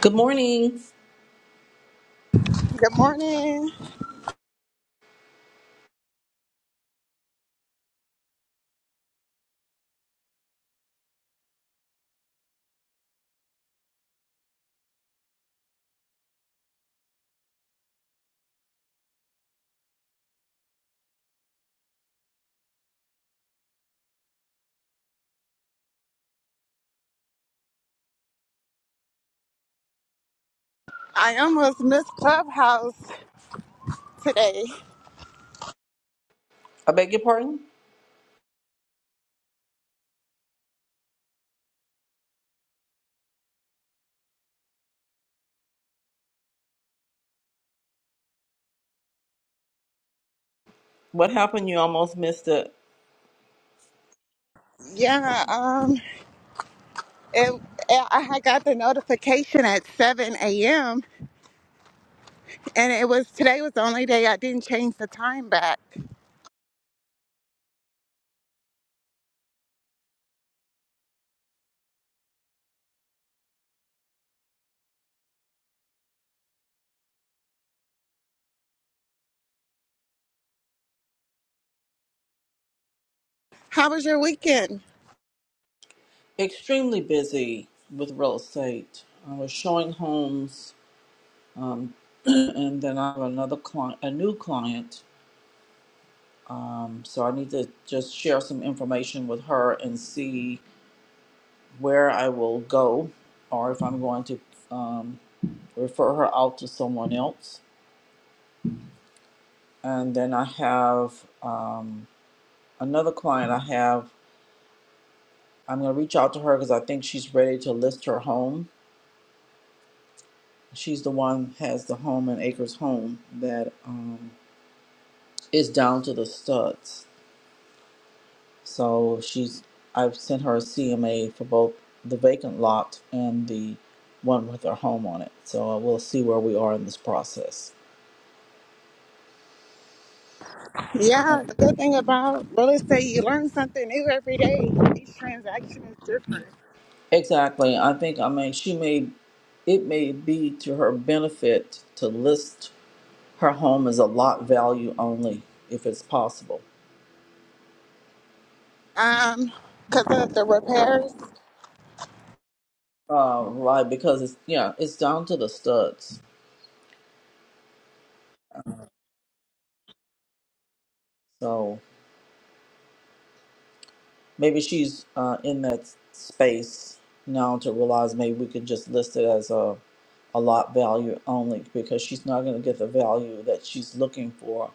Good morning. Good morning. I almost missed Clubhouse today. I beg your pardon? What happened? You almost missed it. Yeah, um, it, I had got the notification at 7 a.m. and it was today was the only day I didn't change the time back. How was your weekend? Extremely busy with real estate. I was showing homes, um, and then I have another client, a new client. Um, so I need to just share some information with her and see where I will go, or if I'm going to um, refer her out to someone else. And then I have um, another client. I have. I'm going to reach out to her because I think she's ready to list her home She's the one has the home in Acres Home that um, is down to the studs. So she's I've sent her a CMA for both the vacant lot and the one with her home on it. So uh, we'll see where we are in this process. Yeah, the good thing about real estate, you learn something new every day. Each transaction is different. Exactly. I think I mean she may it may be to her benefit to list her home as a lot value only if it's possible. Um, because of the repairs, Uh, right, because it's yeah, it's down to the studs. So. Maybe she's uh, in that space now to realize maybe we could just list it as a, a lot value only because she's not going to get the value that she's looking for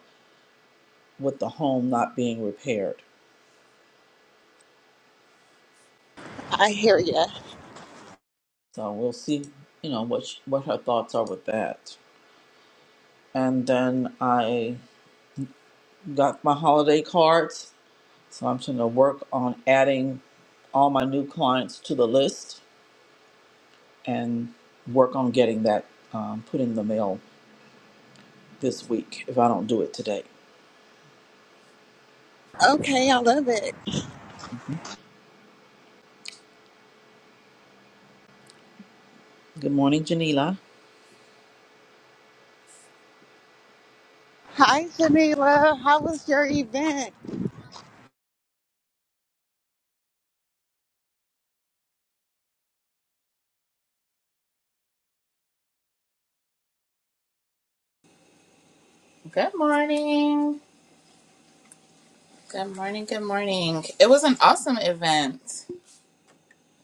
with the home not being repaired. I hear ya. So we'll see, you know, what she, what her thoughts are with that. And then I got my holiday cards, so I'm going to work on adding all my new clients to the list and work on getting that um, put in the mail this week if I don't do it today. Okay, I love it. Good morning, Janila. Hi, Jamila. How was your event? Good morning. Good morning. Good morning. It was an awesome event.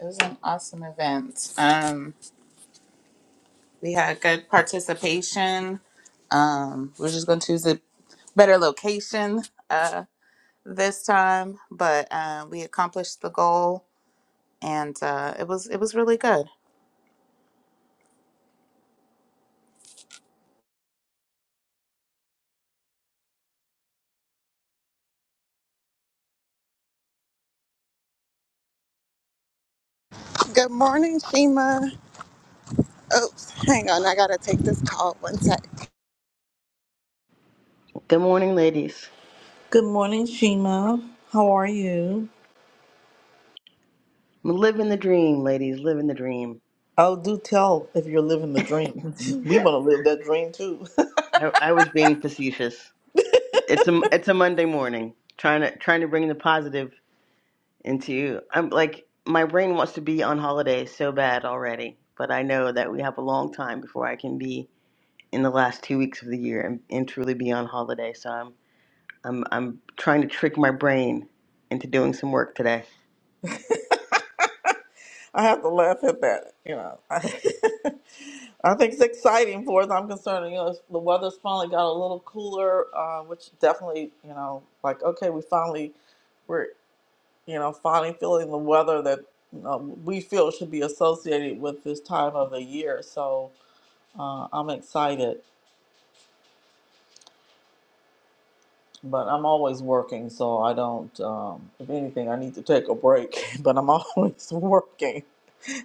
It was an awesome event. Um, we had good participation. Um, we're just going to choose a better location uh, this time, but uh, we accomplished the goal, and uh, it was it was really good. Good morning, Shima. Oops, hang on. I gotta take this call. One sec. Good morning, ladies. Good morning, Shima. How are you? I'm living the dream, ladies. Living the dream. Oh, do tell if you're living the dream. We want to live that dream too. I, I was being facetious. It's a it's a Monday morning. Trying to trying to bring the positive into you. I'm like my brain wants to be on holiday so bad already, but I know that we have a long time before I can be in the last two weeks of the year and, and truly be on holiday. So I'm I'm I'm trying to trick my brain into doing some work today. I have to laugh at that. You know, I think it's exciting for us. I'm concerned. You know, it's- the weather's finally got a little cooler, uh, which definitely, you know, like okay, we finally we're you know finally feeling the weather that you know, we feel should be associated with this time of the year. So uh, I'm excited. But I'm always working, so I don't. Um, if anything, I need to take a break. But I'm always working.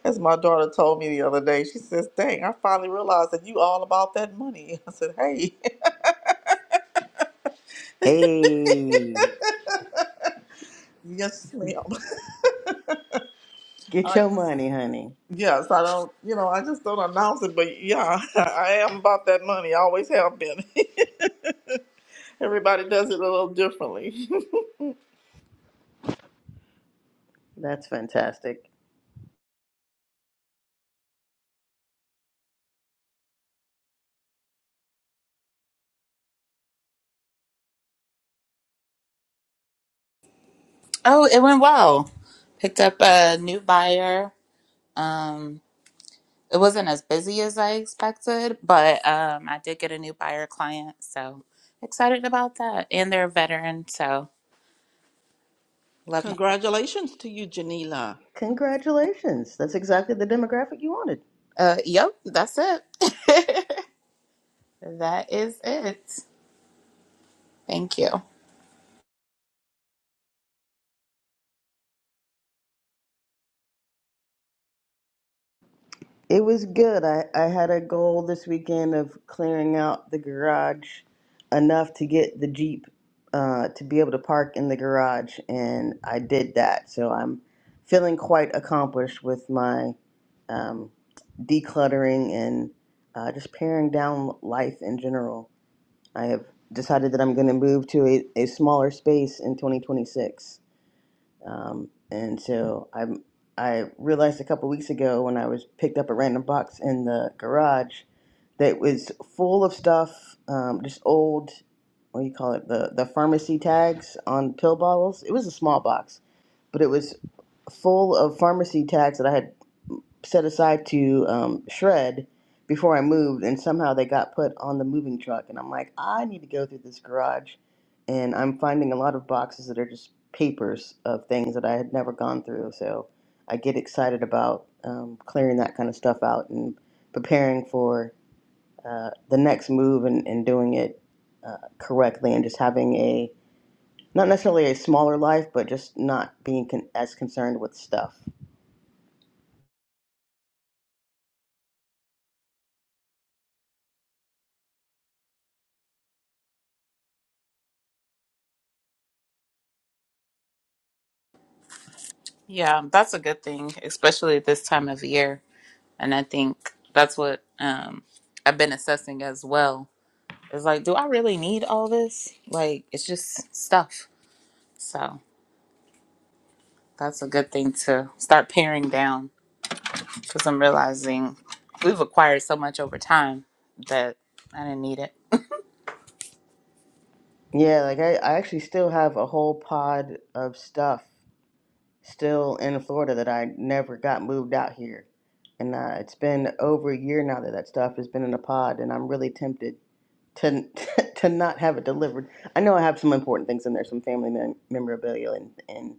As my daughter told me the other day, she says, "Dang, I finally realized that you all about that money." I said, "Hey, Hey, yes, ma'am. I get your just, money, honey. yes, I don't. You know, I just don't announce it, but yeah, I am about that money. I always have been. Everybody does it a little differently." That's fantastic. Oh, it went well. Picked up a new buyer. Um, It wasn't as busy as I expected, but um, I did get a new buyer client, so excited about that. And they're a veteran, so love my. Congratulations to you, Janila. Congratulations. That's exactly the demographic you wanted. Uh, yep, that's it. that is it. Thank you. It was good. I, I had a goal this weekend of clearing out the garage enough to get the Jeep uh, to be able to park in the garage, and I did that. So I'm feeling quite accomplished with my um, decluttering and uh, just paring down life in general. I have decided that I'm going to move to a, a smaller space in 2026. Um, and so I I realized a couple weeks ago when I was picked up a random box in the garage that was full of stuff, um, just old what do you call it the the pharmacy tags on pill bottles. It was a small box, but it was full of pharmacy tags that I had set aside to um, shred before I moved, and somehow they got put on the moving truck. And I'm like, I need to go through this garage, and I'm finding a lot of boxes that are just papers of things that I had never gone through. So I get excited about um, clearing that kind of stuff out and preparing for uh, the next move and, and doing it uh, correctly, and just having a not necessarily a smaller life, but just not being con- as concerned with stuff. Yeah, that's a good thing, especially this time of year. And I think that's what um, I've been assessing as well. It's like, do I really need all this? Like, it's just stuff. So that's a good thing to start paring down. because I'm realizing we've acquired so much over time that I didn't need it. Yeah, like I, I actually still have a whole pod of stuff still in Florida that I never got moved out here. And uh, it's been over a year now that that stuff has been in a pod, and I'm really tempted to to not have it delivered. I know I have some important things in there, some family mem- memorabilia and, and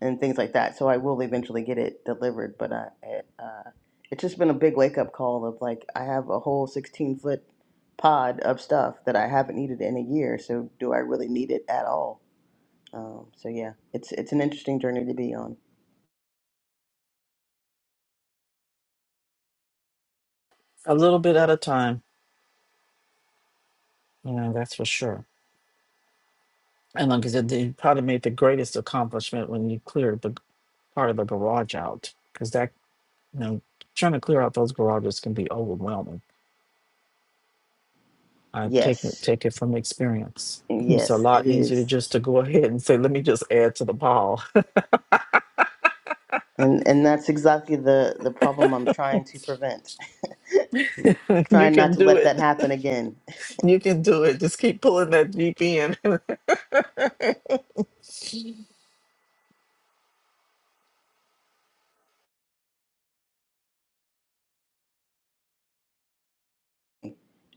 and things like that. So I will eventually get it delivered, but I, it, uh, it's just been a big wake up call of like I have a whole 16 foot pod of stuff that I haven't needed in a year. So do I really need it at all? Um, so yeah, it's it's an interesting journey to be on. A little bit at a time. You know, that's for sure. And like I said, they probably made the greatest accomplishment when you cleared the part of the garage out, because that you know trying to clear out those garages can be overwhelming. I take it- Yes, take it from experience. It's a yes, it lot easier to is. just to go ahead and say, "Let me just add to the pile." And and that's exactly the the problem I'm trying to prevent. you trying not can to do let that it. happen again You can do it. Just keep pulling that deep in. Good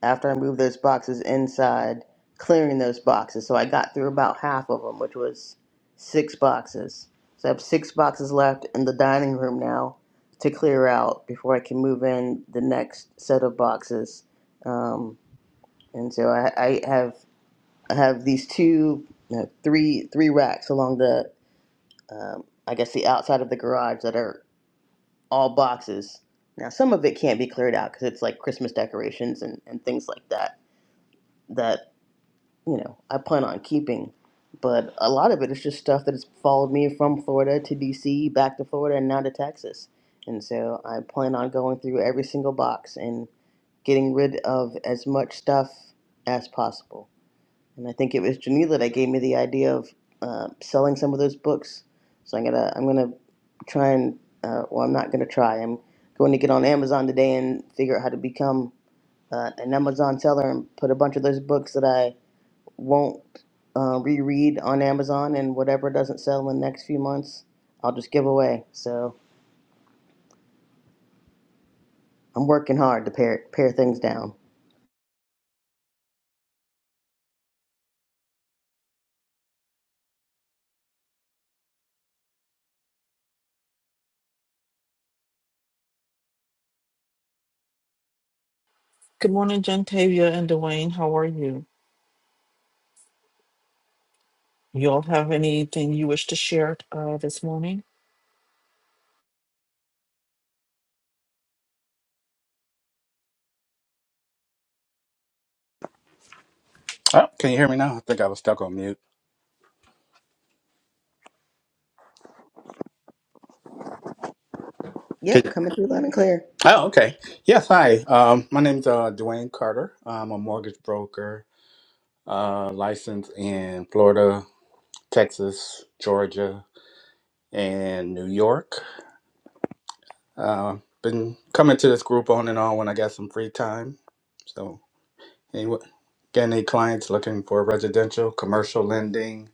after I moved those boxes inside, clearing those boxes. So I got through about half of them, which was six boxes. So I have six boxes left in the dining room now to clear out before I can move in the next set of boxes. Um, and so I, I have I have these two, no, three three racks along the um, I guess the outside of the garage that are all boxes. Now, some of it can't be cleared out because it's like Christmas decorations and, and things like that, that, you know, I plan on keeping. But a lot of it is just stuff that has followed me from Florida to DC, back to Florida, and now to Texas. And so I plan on going through every single box and getting rid of as much stuff as possible and I think it was Janila that gave me the idea of uh, selling some of those books. So I'm gonna I'm gonna try and uh, well I'm not gonna try. I'm going to get on Amazon today and figure out how to become uh, an Amazon seller and put a bunch of those books that I won't uh, reread on Amazon and whatever doesn't sell in the next few months I'll just give away. So I'm working hard to pare pare things down. morning, Gentavia and Dwayne. How are you? You all have anything you wish to share uh, this morning? Oh, can you hear me now? I think I was stuck on mute. Yep, Can- coming through loud and clear. Oh, okay. Yes, hi. Um, my name's uh, Dwayne Carter. I'm a mortgage broker, uh, licensed in Florida, Texas, Georgia, and New York. Uh, been coming to this group on and on when I got some free time. So, anyway, get any clients looking for residential, commercial lending?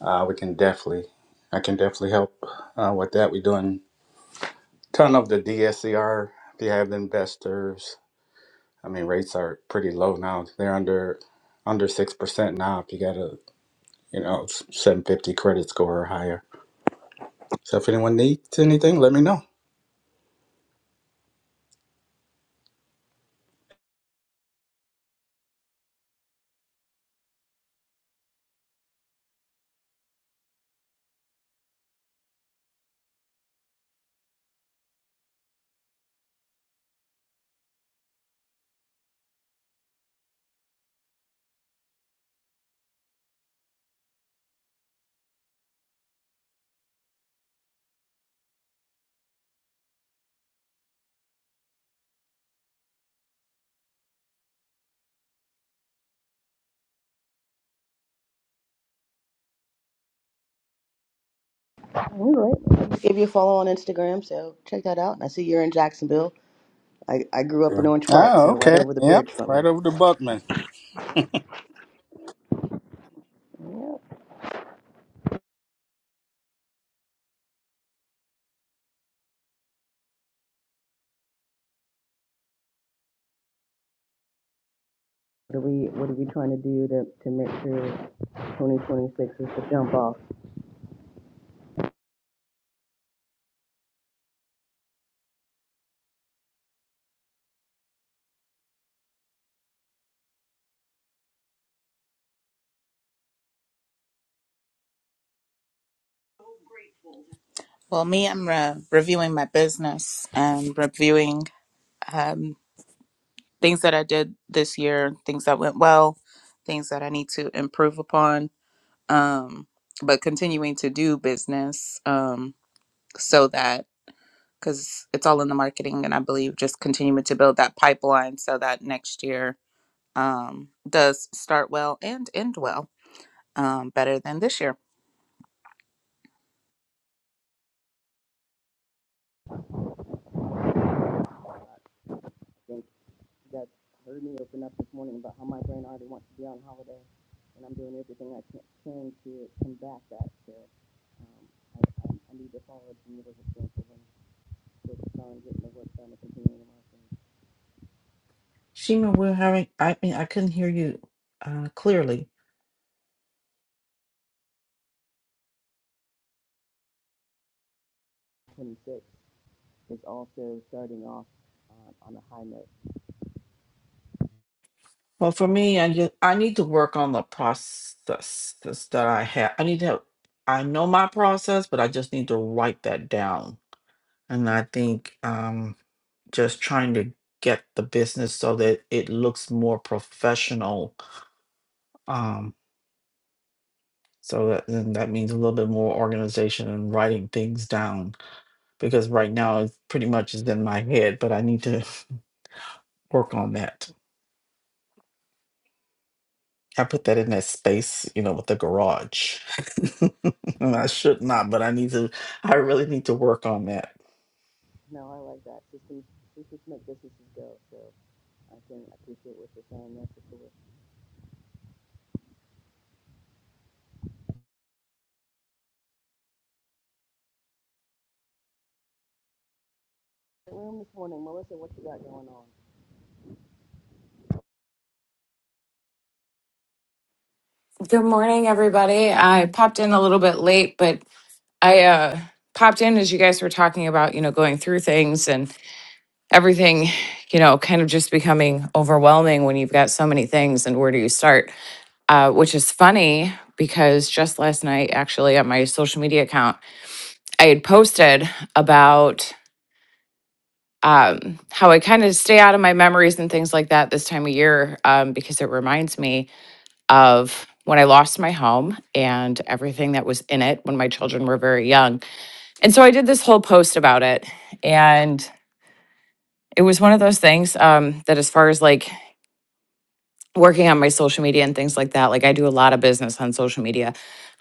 Uh, we can definitely, I can definitely help uh, with that. We're doing ton of the DSCR. If you have investors. I mean, rates are pretty low now. They're under under six percent now. If you got a you know seven fifty credit score or higher. So if anyone needs anything, let me know. All right. Give you a follow on Instagram, so check that out. And I see you're in Jacksonville. I, I grew up Yeah. in Orange Park, Oh, so right okay. over the Yep, bridge from right you. over to Buckman. What are we What are we trying to do to, to make sure 2026 is the jump off? Well, me, I'm re- reviewing my business and reviewing um, things that I did this year, things that went well, things that I need to improve upon, um, but continuing to do business um, so that because it's all in the marketing and i believe just continuing to build that pipeline so that next year um, does start well and end well um, better than this year Like, You guys heard me open up this morning about how my brain already wants to be on holiday, and I'm doing everything I can, can to combat that. So um, I, I, I need to follow Geneva's example and focus on getting the work done and continuing to work. Shima, we're having. I mean, I couldn't hear you uh, clearly. And 26 is also starting off um, on a high note. Well, for me, I just I need to work on the process that I have. I need to have, I know my process, but I just need to write that down. And I think um just trying to get the business so that it looks more professional. Um so that then that means a little bit more organization and writing things down because right now it's pretty much is in my head, but I need to work on that. I put that in that space, you know, with the garage. I should not, but I need to, I really need to work on that. No, I like that. Systems systems make businesses go. So. I can appreciate what you're saying. That's for sure. Room this morning, Melissa, what you got going on? Good morning, everybody. I popped in a little bit late, but I uh, popped in as you guys were talking about, you know, going through things and everything, you know, kind of just becoming overwhelming when you've got so many things and where do you start? Uh, which is funny because just last night, actually, on my social media account, I had posted about um, how I kind of stay out of my memories and things like that this time of year um, because it reminds me of when I lost my home and everything that was in it when my children were very young. And so I did this whole post about it. And it was one of those things um, that, as far as like working on my social media and things like that, like I do a lot of business on social media,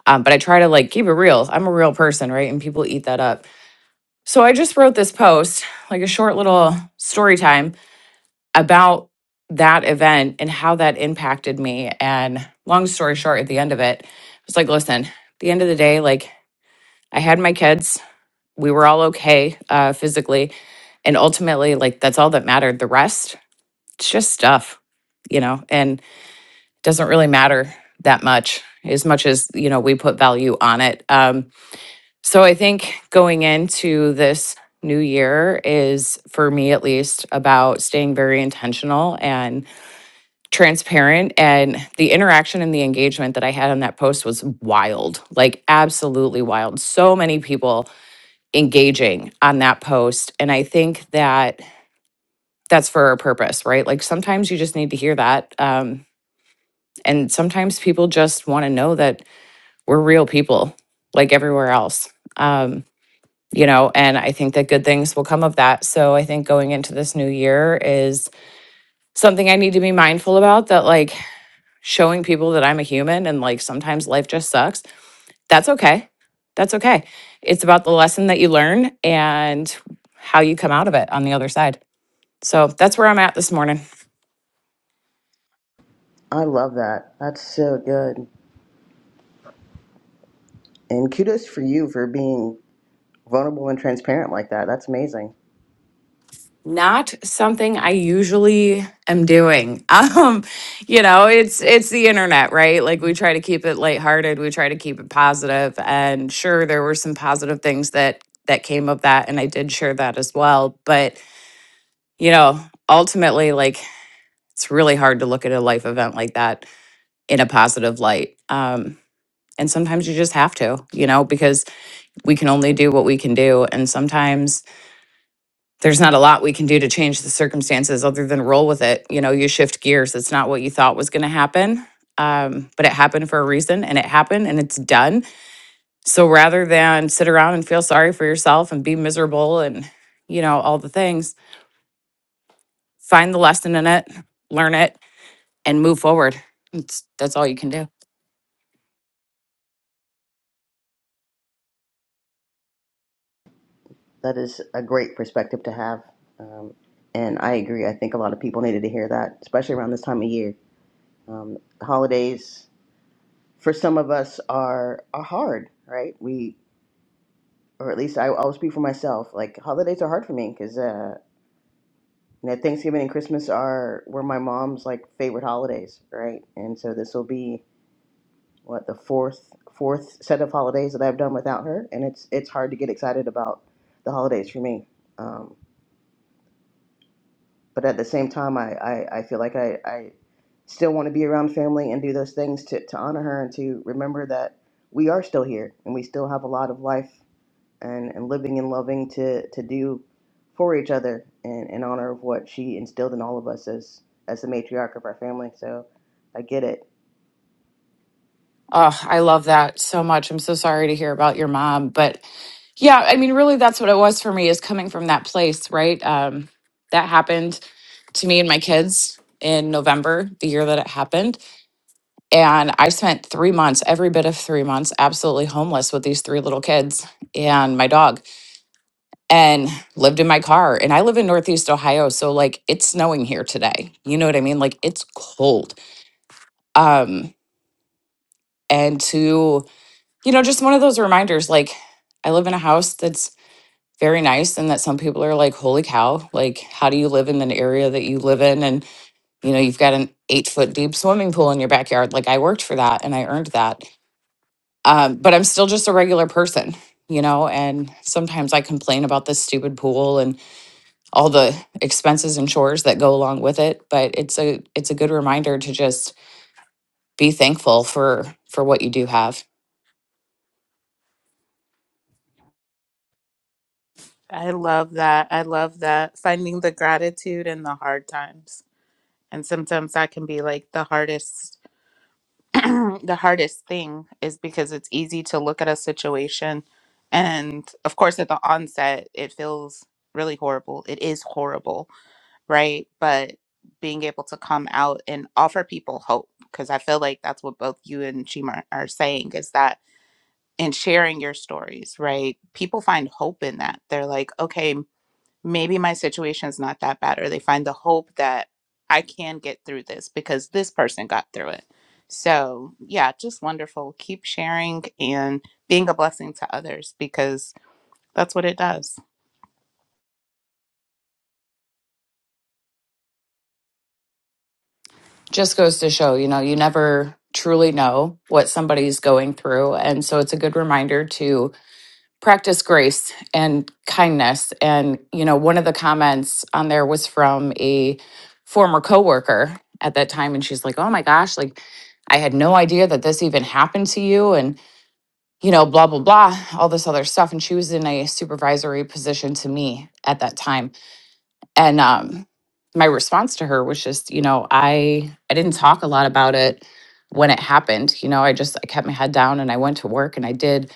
um, but I try to like keep it real. I'm a real person, right? And people eat that up. So I just wrote this post, like a short little story time about that event and how that impacted me. And long story short, at the end of it, I was like, listen, at the end of the day, like I had my kids, we were all okay uh, physically. And ultimately, like that's all that mattered. The rest, it's just stuff, you know, and it doesn't really matter that much as much as, you know, we put value on it. Um, so I think going into this new year is for me at least about staying very intentional and. transparent and the interaction and the engagement that I had on that post was wild. Like absolutely wild. So many people engaging on that post and I think that that's for a purpose, right? Like sometimes you just need to hear that um and sometimes people just want to know that we're real people like everywhere else. Um you know, and I think that good things will come of that. So I think going into this new year is something I need to be mindful about that like showing people that I'm a human and like sometimes life just sucks, that's okay. That's okay. It's about the lesson that you learn and how you come out of it on the other side. So that's where I'm at this morning. I love that. That's so good. And kudos for you for being vulnerable and transparent like that. That's amazing. Not something I usually am doing. Um, you know, it's it's the internet, right? Like we try to keep it lighthearted, we try to keep it positive, and sure there were some positive things that that came of that and I did share that as well, but you know, ultimately like it's really hard to look at a life event like that in a positive light. Um, and sometimes you just have to, you know, because we can only do what we can do. And sometimes there's not a lot we can do to change the circumstances other than roll with it. You know, you shift gears. It's not what you thought was going to happen, um, but it happened for a reason and it happened and it's done. So rather than sit around and feel sorry for yourself and be miserable and, you know, all the things, find the lesson in it, learn it, and move forward. It's, that's all you can do. That is a great perspective to have. Um, and I agree. I think a lot of people needed to hear that, especially around this time of year. Um, holidays for some of us are are hard, right? We, or at least I, I'll speak for myself. Like holidays are hard for me because. Now, Thanksgiving and Christmas are were my mom's like favorite holidays, right? And so this will be what the fourth fourth set of holidays that I've done without her, and it's it's hard to get excited about the holidays for me. Um, but at the same time, I I, I feel like I, I still want to be around family and do those things to to honor her and to remember that we are still here and we still have a lot of life and, and living and loving to, to do for each other in, in honor of what she instilled in all of us as, as the matriarch of our family. So I get it. Oh, I love that so much. I'm so sorry to hear about your mom, but yeah, I mean, really, that's what it was for me is coming from that place, right? Um, that happened to me and my kids in November, the year that it happened, and I spent three months, every bit of three months, absolutely homeless with these three little kids and my dog, and lived in my car. And I live in Northeast Ohio, so like it's snowing here today. You know what I mean? Like it's cold. Um, and to you know, just one of those reminders like I live in a house that's very nice and that some people are like, holy cow, like how do you live in an area that you live in? And you know, you've got an eight foot deep swimming pool in your backyard. Like I worked for that and I earned that. Um, but I'm still just a regular person, you know, and sometimes I complain about this stupid pool and all the expenses and chores that go along with it. But it's a it's a good reminder to just be thankful for for what you do have. I love that. I love that. Finding the gratitude in the hard times. And sometimes that can be like the hardest the hardest thing is because it's easy to look at a situation and of course at the onset it feels really horrible. It is horrible, right? But being able to come out and offer people hope because I feel like that's what both you and Chima are saying is that in sharing your stories, right? People find hope in that. They're like, okay, maybe my situation's not that bad, or they find the hope that I can get through this because this person got through it. So, yeah, just wonderful. Keep sharing and being a blessing to others because that's what it does. just goes to show, you know, you never truly know what somebody's going through. And so it's a good reminder to practice grace and kindness. And, you know, one of the comments on there was from a former coworker at that time. And she's like, oh my gosh, like, I had no idea that this even happened to you. And, you know, blah, blah, blah, all this other stuff. And she was in a supervisory position to me at that time and um my response to her was just you know i i didn't talk a lot about it when it happened you know i just i kept my head down and i went to work and i did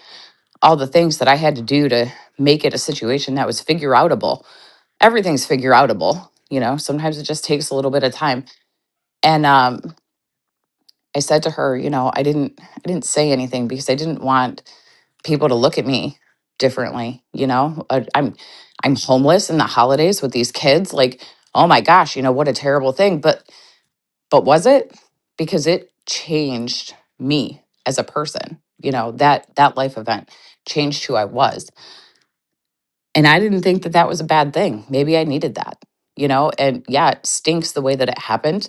all the things that i had to do to make it a situation that was figure outable everything's figure outable you know sometimes it just takes a little bit of time and um i said to her you know i didn't i didn't say anything because i didn't want people to look at me differently you know Uh, i'm i'm homeless in the holidays with these kids like oh my gosh you know what a terrible thing but but was it because it changed me as a person you know that that life event changed who i was and i didn't think that that was a bad thing maybe i needed that you know and yeah it stinks the way that it happened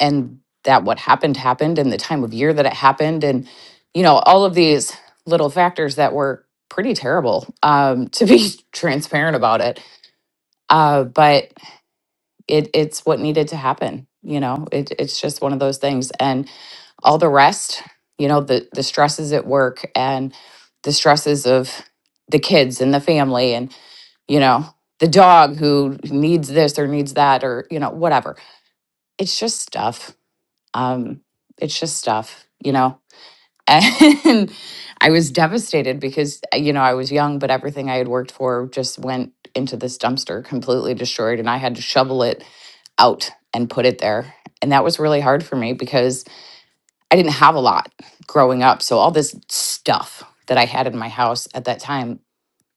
and that what happened happened and the time of year that it happened and you know all of these little factors that were pretty terrible um, to be transparent about it uh, but it it's what needed to happen you know it, it's just one of those things and all the rest you know the the stresses at work and the stresses of the kids and the family and you know the dog who needs this or needs that or you know whatever it's just stuff um, it's just stuff, you know. And I was devastated because uh, you know I was young, but everything I had worked for just went into this dumpster, completely destroyed, and I had to shovel it out and put it there. And that was really hard for me because I didn't have a lot growing up. So all this stuff that I had in my house at that time,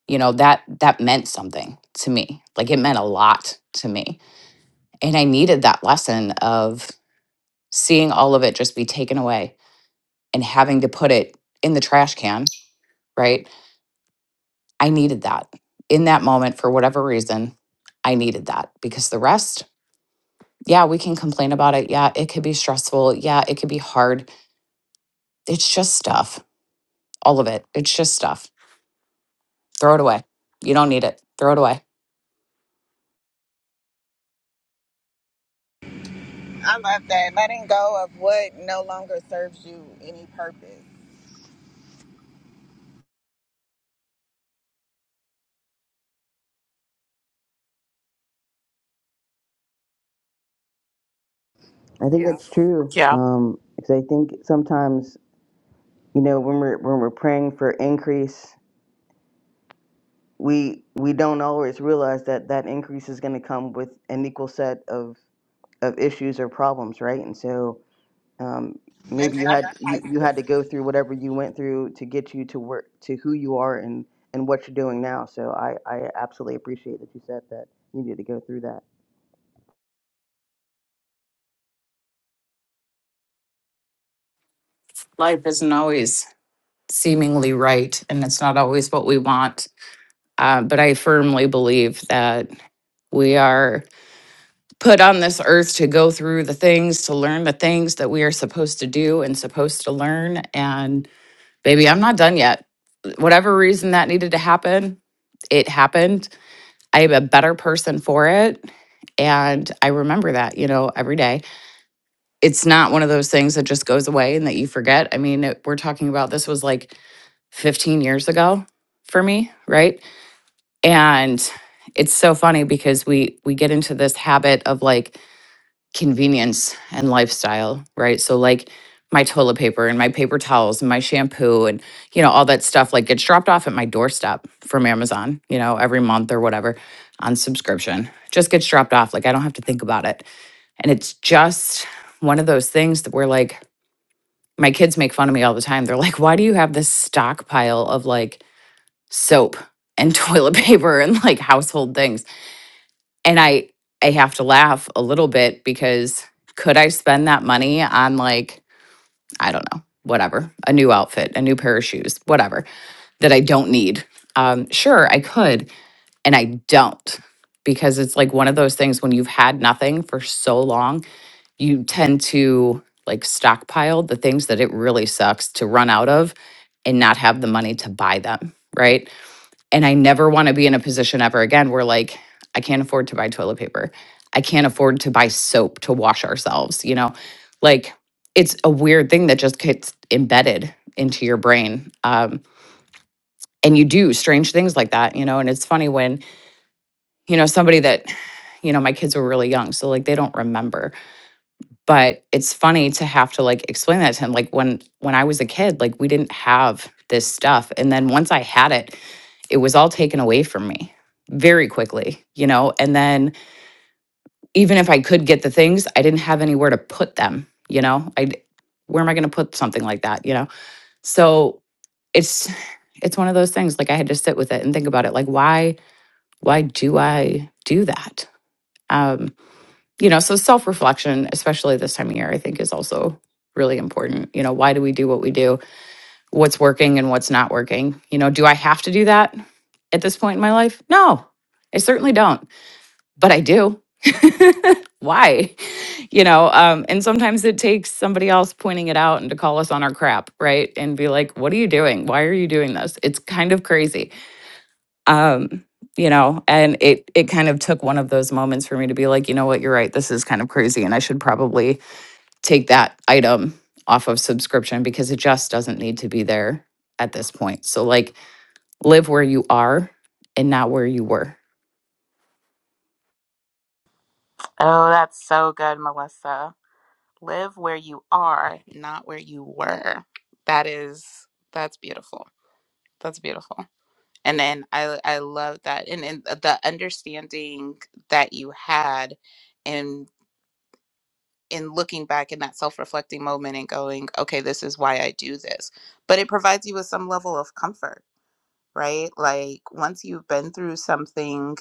you know, that that meant something to me. Like it meant a lot to me. And I needed that lesson of seeing all of it just be taken away and having to put it in the trash can, right? I needed that in that moment for whatever reason. I needed that because the rest, yeah, we can complain about it. Yeah, it could be stressful. Yeah, it could be hard. It's just stuff, all of it. It's just stuff. Throw it away. You don't need it. Throw it away. I love that. Letting go of what no longer serves you any purpose I think Yeah. that's true. Yeah. Um, Because I think sometimes, you know, when we're, when we're praying for increase, we, we don't always realize that that increase is going to come with an equal set of, of issues or problems, right? And so um, and maybe you had you, you sacrifices. had to go through whatever you went through to get you to work to who you are and and what you're doing now so i i absolutely appreciate that you said that you needed to go through that Life isn't always seemingly right, and it's not always what we want. Uh, but I firmly believe that we are put on this earth to go through the things, to learn the things that we are supposed to do and supposed to learn. And baby, I'm not done yet. Whatever reason that needed to happen, it happened. I am a better person for it. And I remember that, you know, every day. It's not one of those things that just goes away and that you forget. I mean, it, we're talking about this was like 15 years ago for me, right? And it's so funny because we we get into this habit of like convenience and lifestyle, right? So like my toilet paper and my paper towels and my shampoo and you know all that stuff like gets dropped off at my doorstep from Amazon, you know, every month or whatever on subscription. Just gets dropped off like I don't have to think about it. And it's just one of those things that we're like my kids make fun of me all the time. They're like, "Why do you have this stockpile of like soap and toilet paper and like household things?" and i i have to laugh a little bit because could i spend that money on like i don't know whatever a new outfit a new pair of shoes whatever that i don't need um sure i could and i don't because it's like one of those things when you've had nothing for so long you tend to like stockpile the things that it really sucks to run out of and not have the money to buy them right and I never want to be in a position ever again where, like, I can't afford to buy toilet paper. I can't afford to buy soap to wash ourselves, you know? Like, it's a weird thing that just gets embedded into your brain. Um, and you do strange things like that, you know? And it's funny when, you know, somebody that, you know, my kids were really young, so like they don't remember. But it's funny to have to like explain that to him. Like when when I was a kid, like we didn't have this stuff. And then once I had it, it was all taken away from me very quickly, you know? And then even if I could get the things, I didn't have anywhere to put them, you know? I where am I going to put something like that, you know? So it's it's one of those things like I had to sit with it and think about it like why why do I do that? Um, you know, so self-reflection, especially this time of year, I think is also really important. You know, why do we do what we do? What's working and what's not working? You know, do I have to do that? at this point in my life? No, I certainly don't, but I do. Why? You know, um, and sometimes it takes somebody else pointing it out and to call us on our crap, right? And be like, what are you doing? Why are you doing this? It's kind of crazy. Um, you know, and it it kind of took one of those moments for me to be like, you know what, you're right, this is kind of crazy. And I should probably take that item off of subscription because it just doesn't need to be there at this point. So like live where you are and not where you were Oh, that's so good, Melissa. Live where you are, not where you were. That is, that's beautiful. That's beautiful. And then I, I love that. And, and the understanding that you had and. in looking back in that self-reflecting moment and going okay this is why i do this but it provides you with some level of comfort right like once you've been through something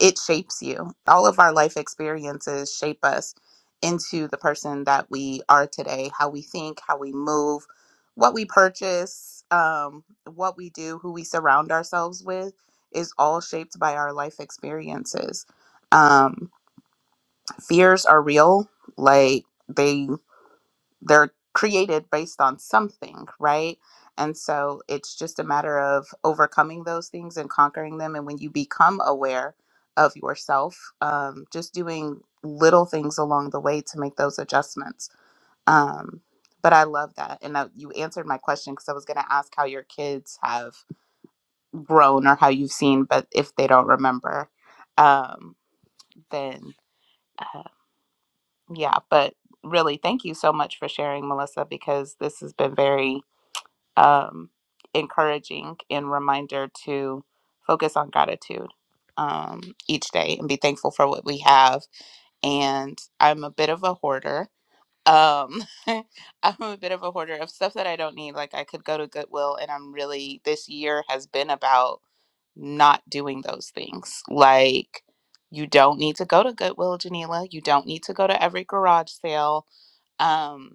it shapes you all of our life experiences shape us into the person that we are today how we think how we move what we purchase um, what we do who we surround ourselves with is all shaped by our life experiences um, fears are real like they they're created based on something, right? And so it's just a matter of overcoming those things and conquering them. And when you become aware of yourself, um, just doing little things along the way to make those adjustments. Um, but I love that. And uh, you answered my question because I was going to ask how your kids have grown or how you've seen, but if they don't remember, um, then uh, yeah. But really, thank you so much for sharing, Melissa, because this has been very um, encouraging and reminder to focus on gratitude um, each day and be thankful for what we have. And I'm a bit of a hoarder. Um, I'm a bit of a hoarder of stuff that I don't need. Like I could go to Goodwill, and I'm really this year has been about not doing those things. Like you don't need to go to Goodwill, Janila. You don't need to go to every garage sale. Um,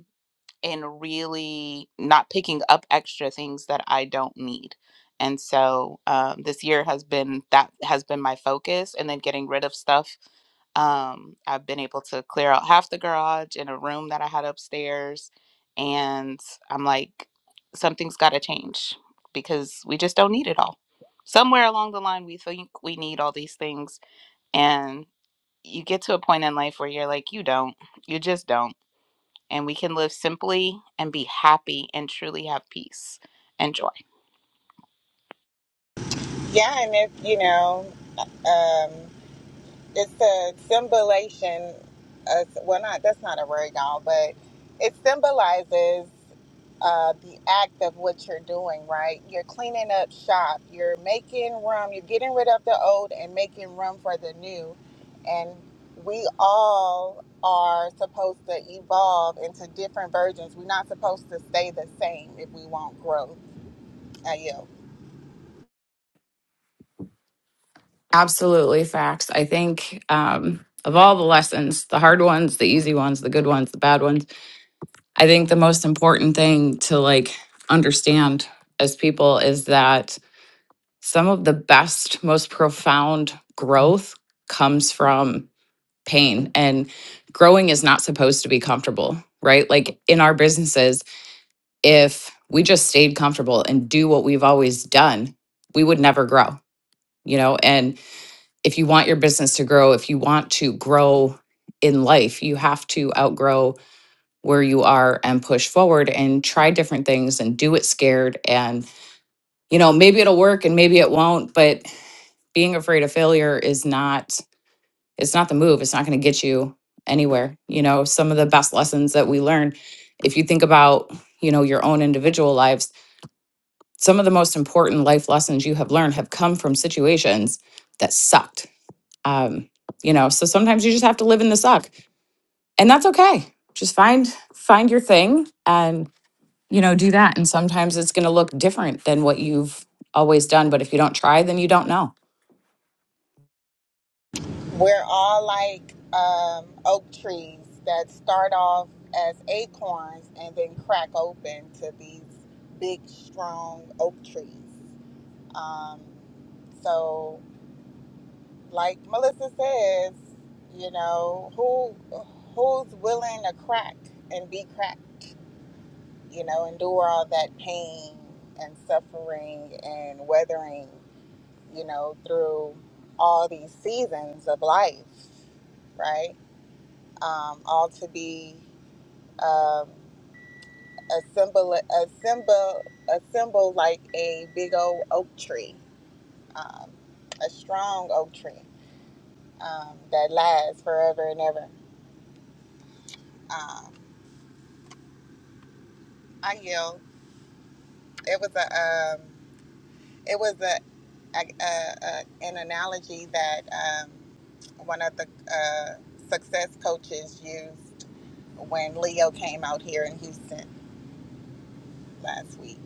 and really not picking up extra things that I don't need. And so um, this year has been that has been my focus, and then getting rid of stuff. Um, I've been able to clear out half the garage in a room that I had upstairs, and I'm like, something's got to change because we just don't need it all. Somewhere along the line, we think we need all these things, and you get to a point in life where you're like, you don't, you just don't and we can live simply and be happy and truly have peace and joy. Yeah, and if you know, um, it's a symbolization. Of, well, not that's not a word, y'all, but it symbolizes. uh, the act of what you're doing, right? You're cleaning up shop, you're making room, you're getting rid of the old and making room for the new. And we all are supposed to evolve into different versions. We're not supposed to stay the same if we want growth. I yield. Absolutely facts. I think um, of all the lessons, the hard ones, the easy ones, the good ones, the bad ones, I think the most important thing to like understand as people is that some of the best, most profound growth comes from pain and growing is not supposed to be comfortable, right? Like in our businesses, if we just stayed comfortable and do what we've always done, we would never grow, you know? And if you want your business to grow, if you want to grow in life, you have to outgrow where you are and push forward and try different things and do it scared. And, you know, maybe it'll work and maybe it won't, but being afraid of failure is not, it's not the move. It's not going to get you anywhere. You know, some of the best lessons that we learn, if you think about, you know, your own individual lives, some of the most important life lessons you have learned have come from situations that sucked um, you know so sometimes you just have to live in the suck and that's okay just find find your thing and you know do that and sometimes it's going to look different than what you've always done but if you don't try then you don't know We're all like um, oak trees that start off as acorns and then crack open to these big, strong oak trees. Um, so like Melissa says, you know, who who's willing to crack and be cracked, you know, endure all that pain and suffering and weathering, you know, through all these seasons of life, right? Um, all to be um, a symbol, a symbol, a symbol like a big old oak tree, um, a strong oak tree um, that lasts forever and ever Um, I yelled. It was a um, it was a, a, a, a an analogy that um, one of the uh, success coaches used when Leo came out here in Houston last week.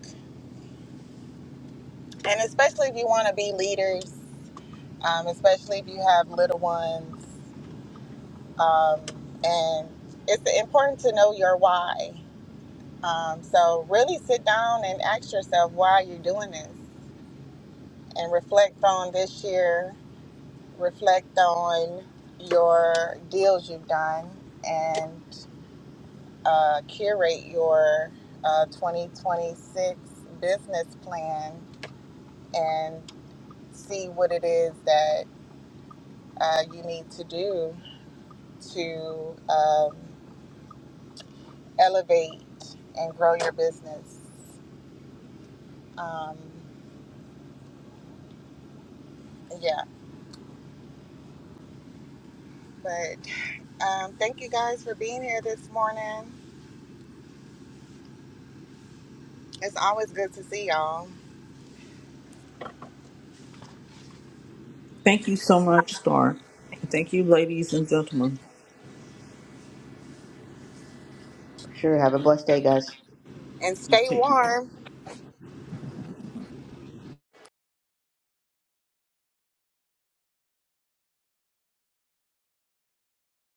And especially if you want to be leaders, um, especially if you have little ones, um, and it's important to know your why. Um, so really sit down and ask yourself why you're doing this, and reflect on this year reflect on your deals you've done and uh, curate your uh, 2026 business plan and see what it is that uh, you need to do to um, elevate and grow your business. Um, yeah, but um, thank you guys for being here this morning. It's always good to see y'all Thank you so much, Star. Thank you, ladies and gentlemen. sure have a blessed day guys and You stay take warm.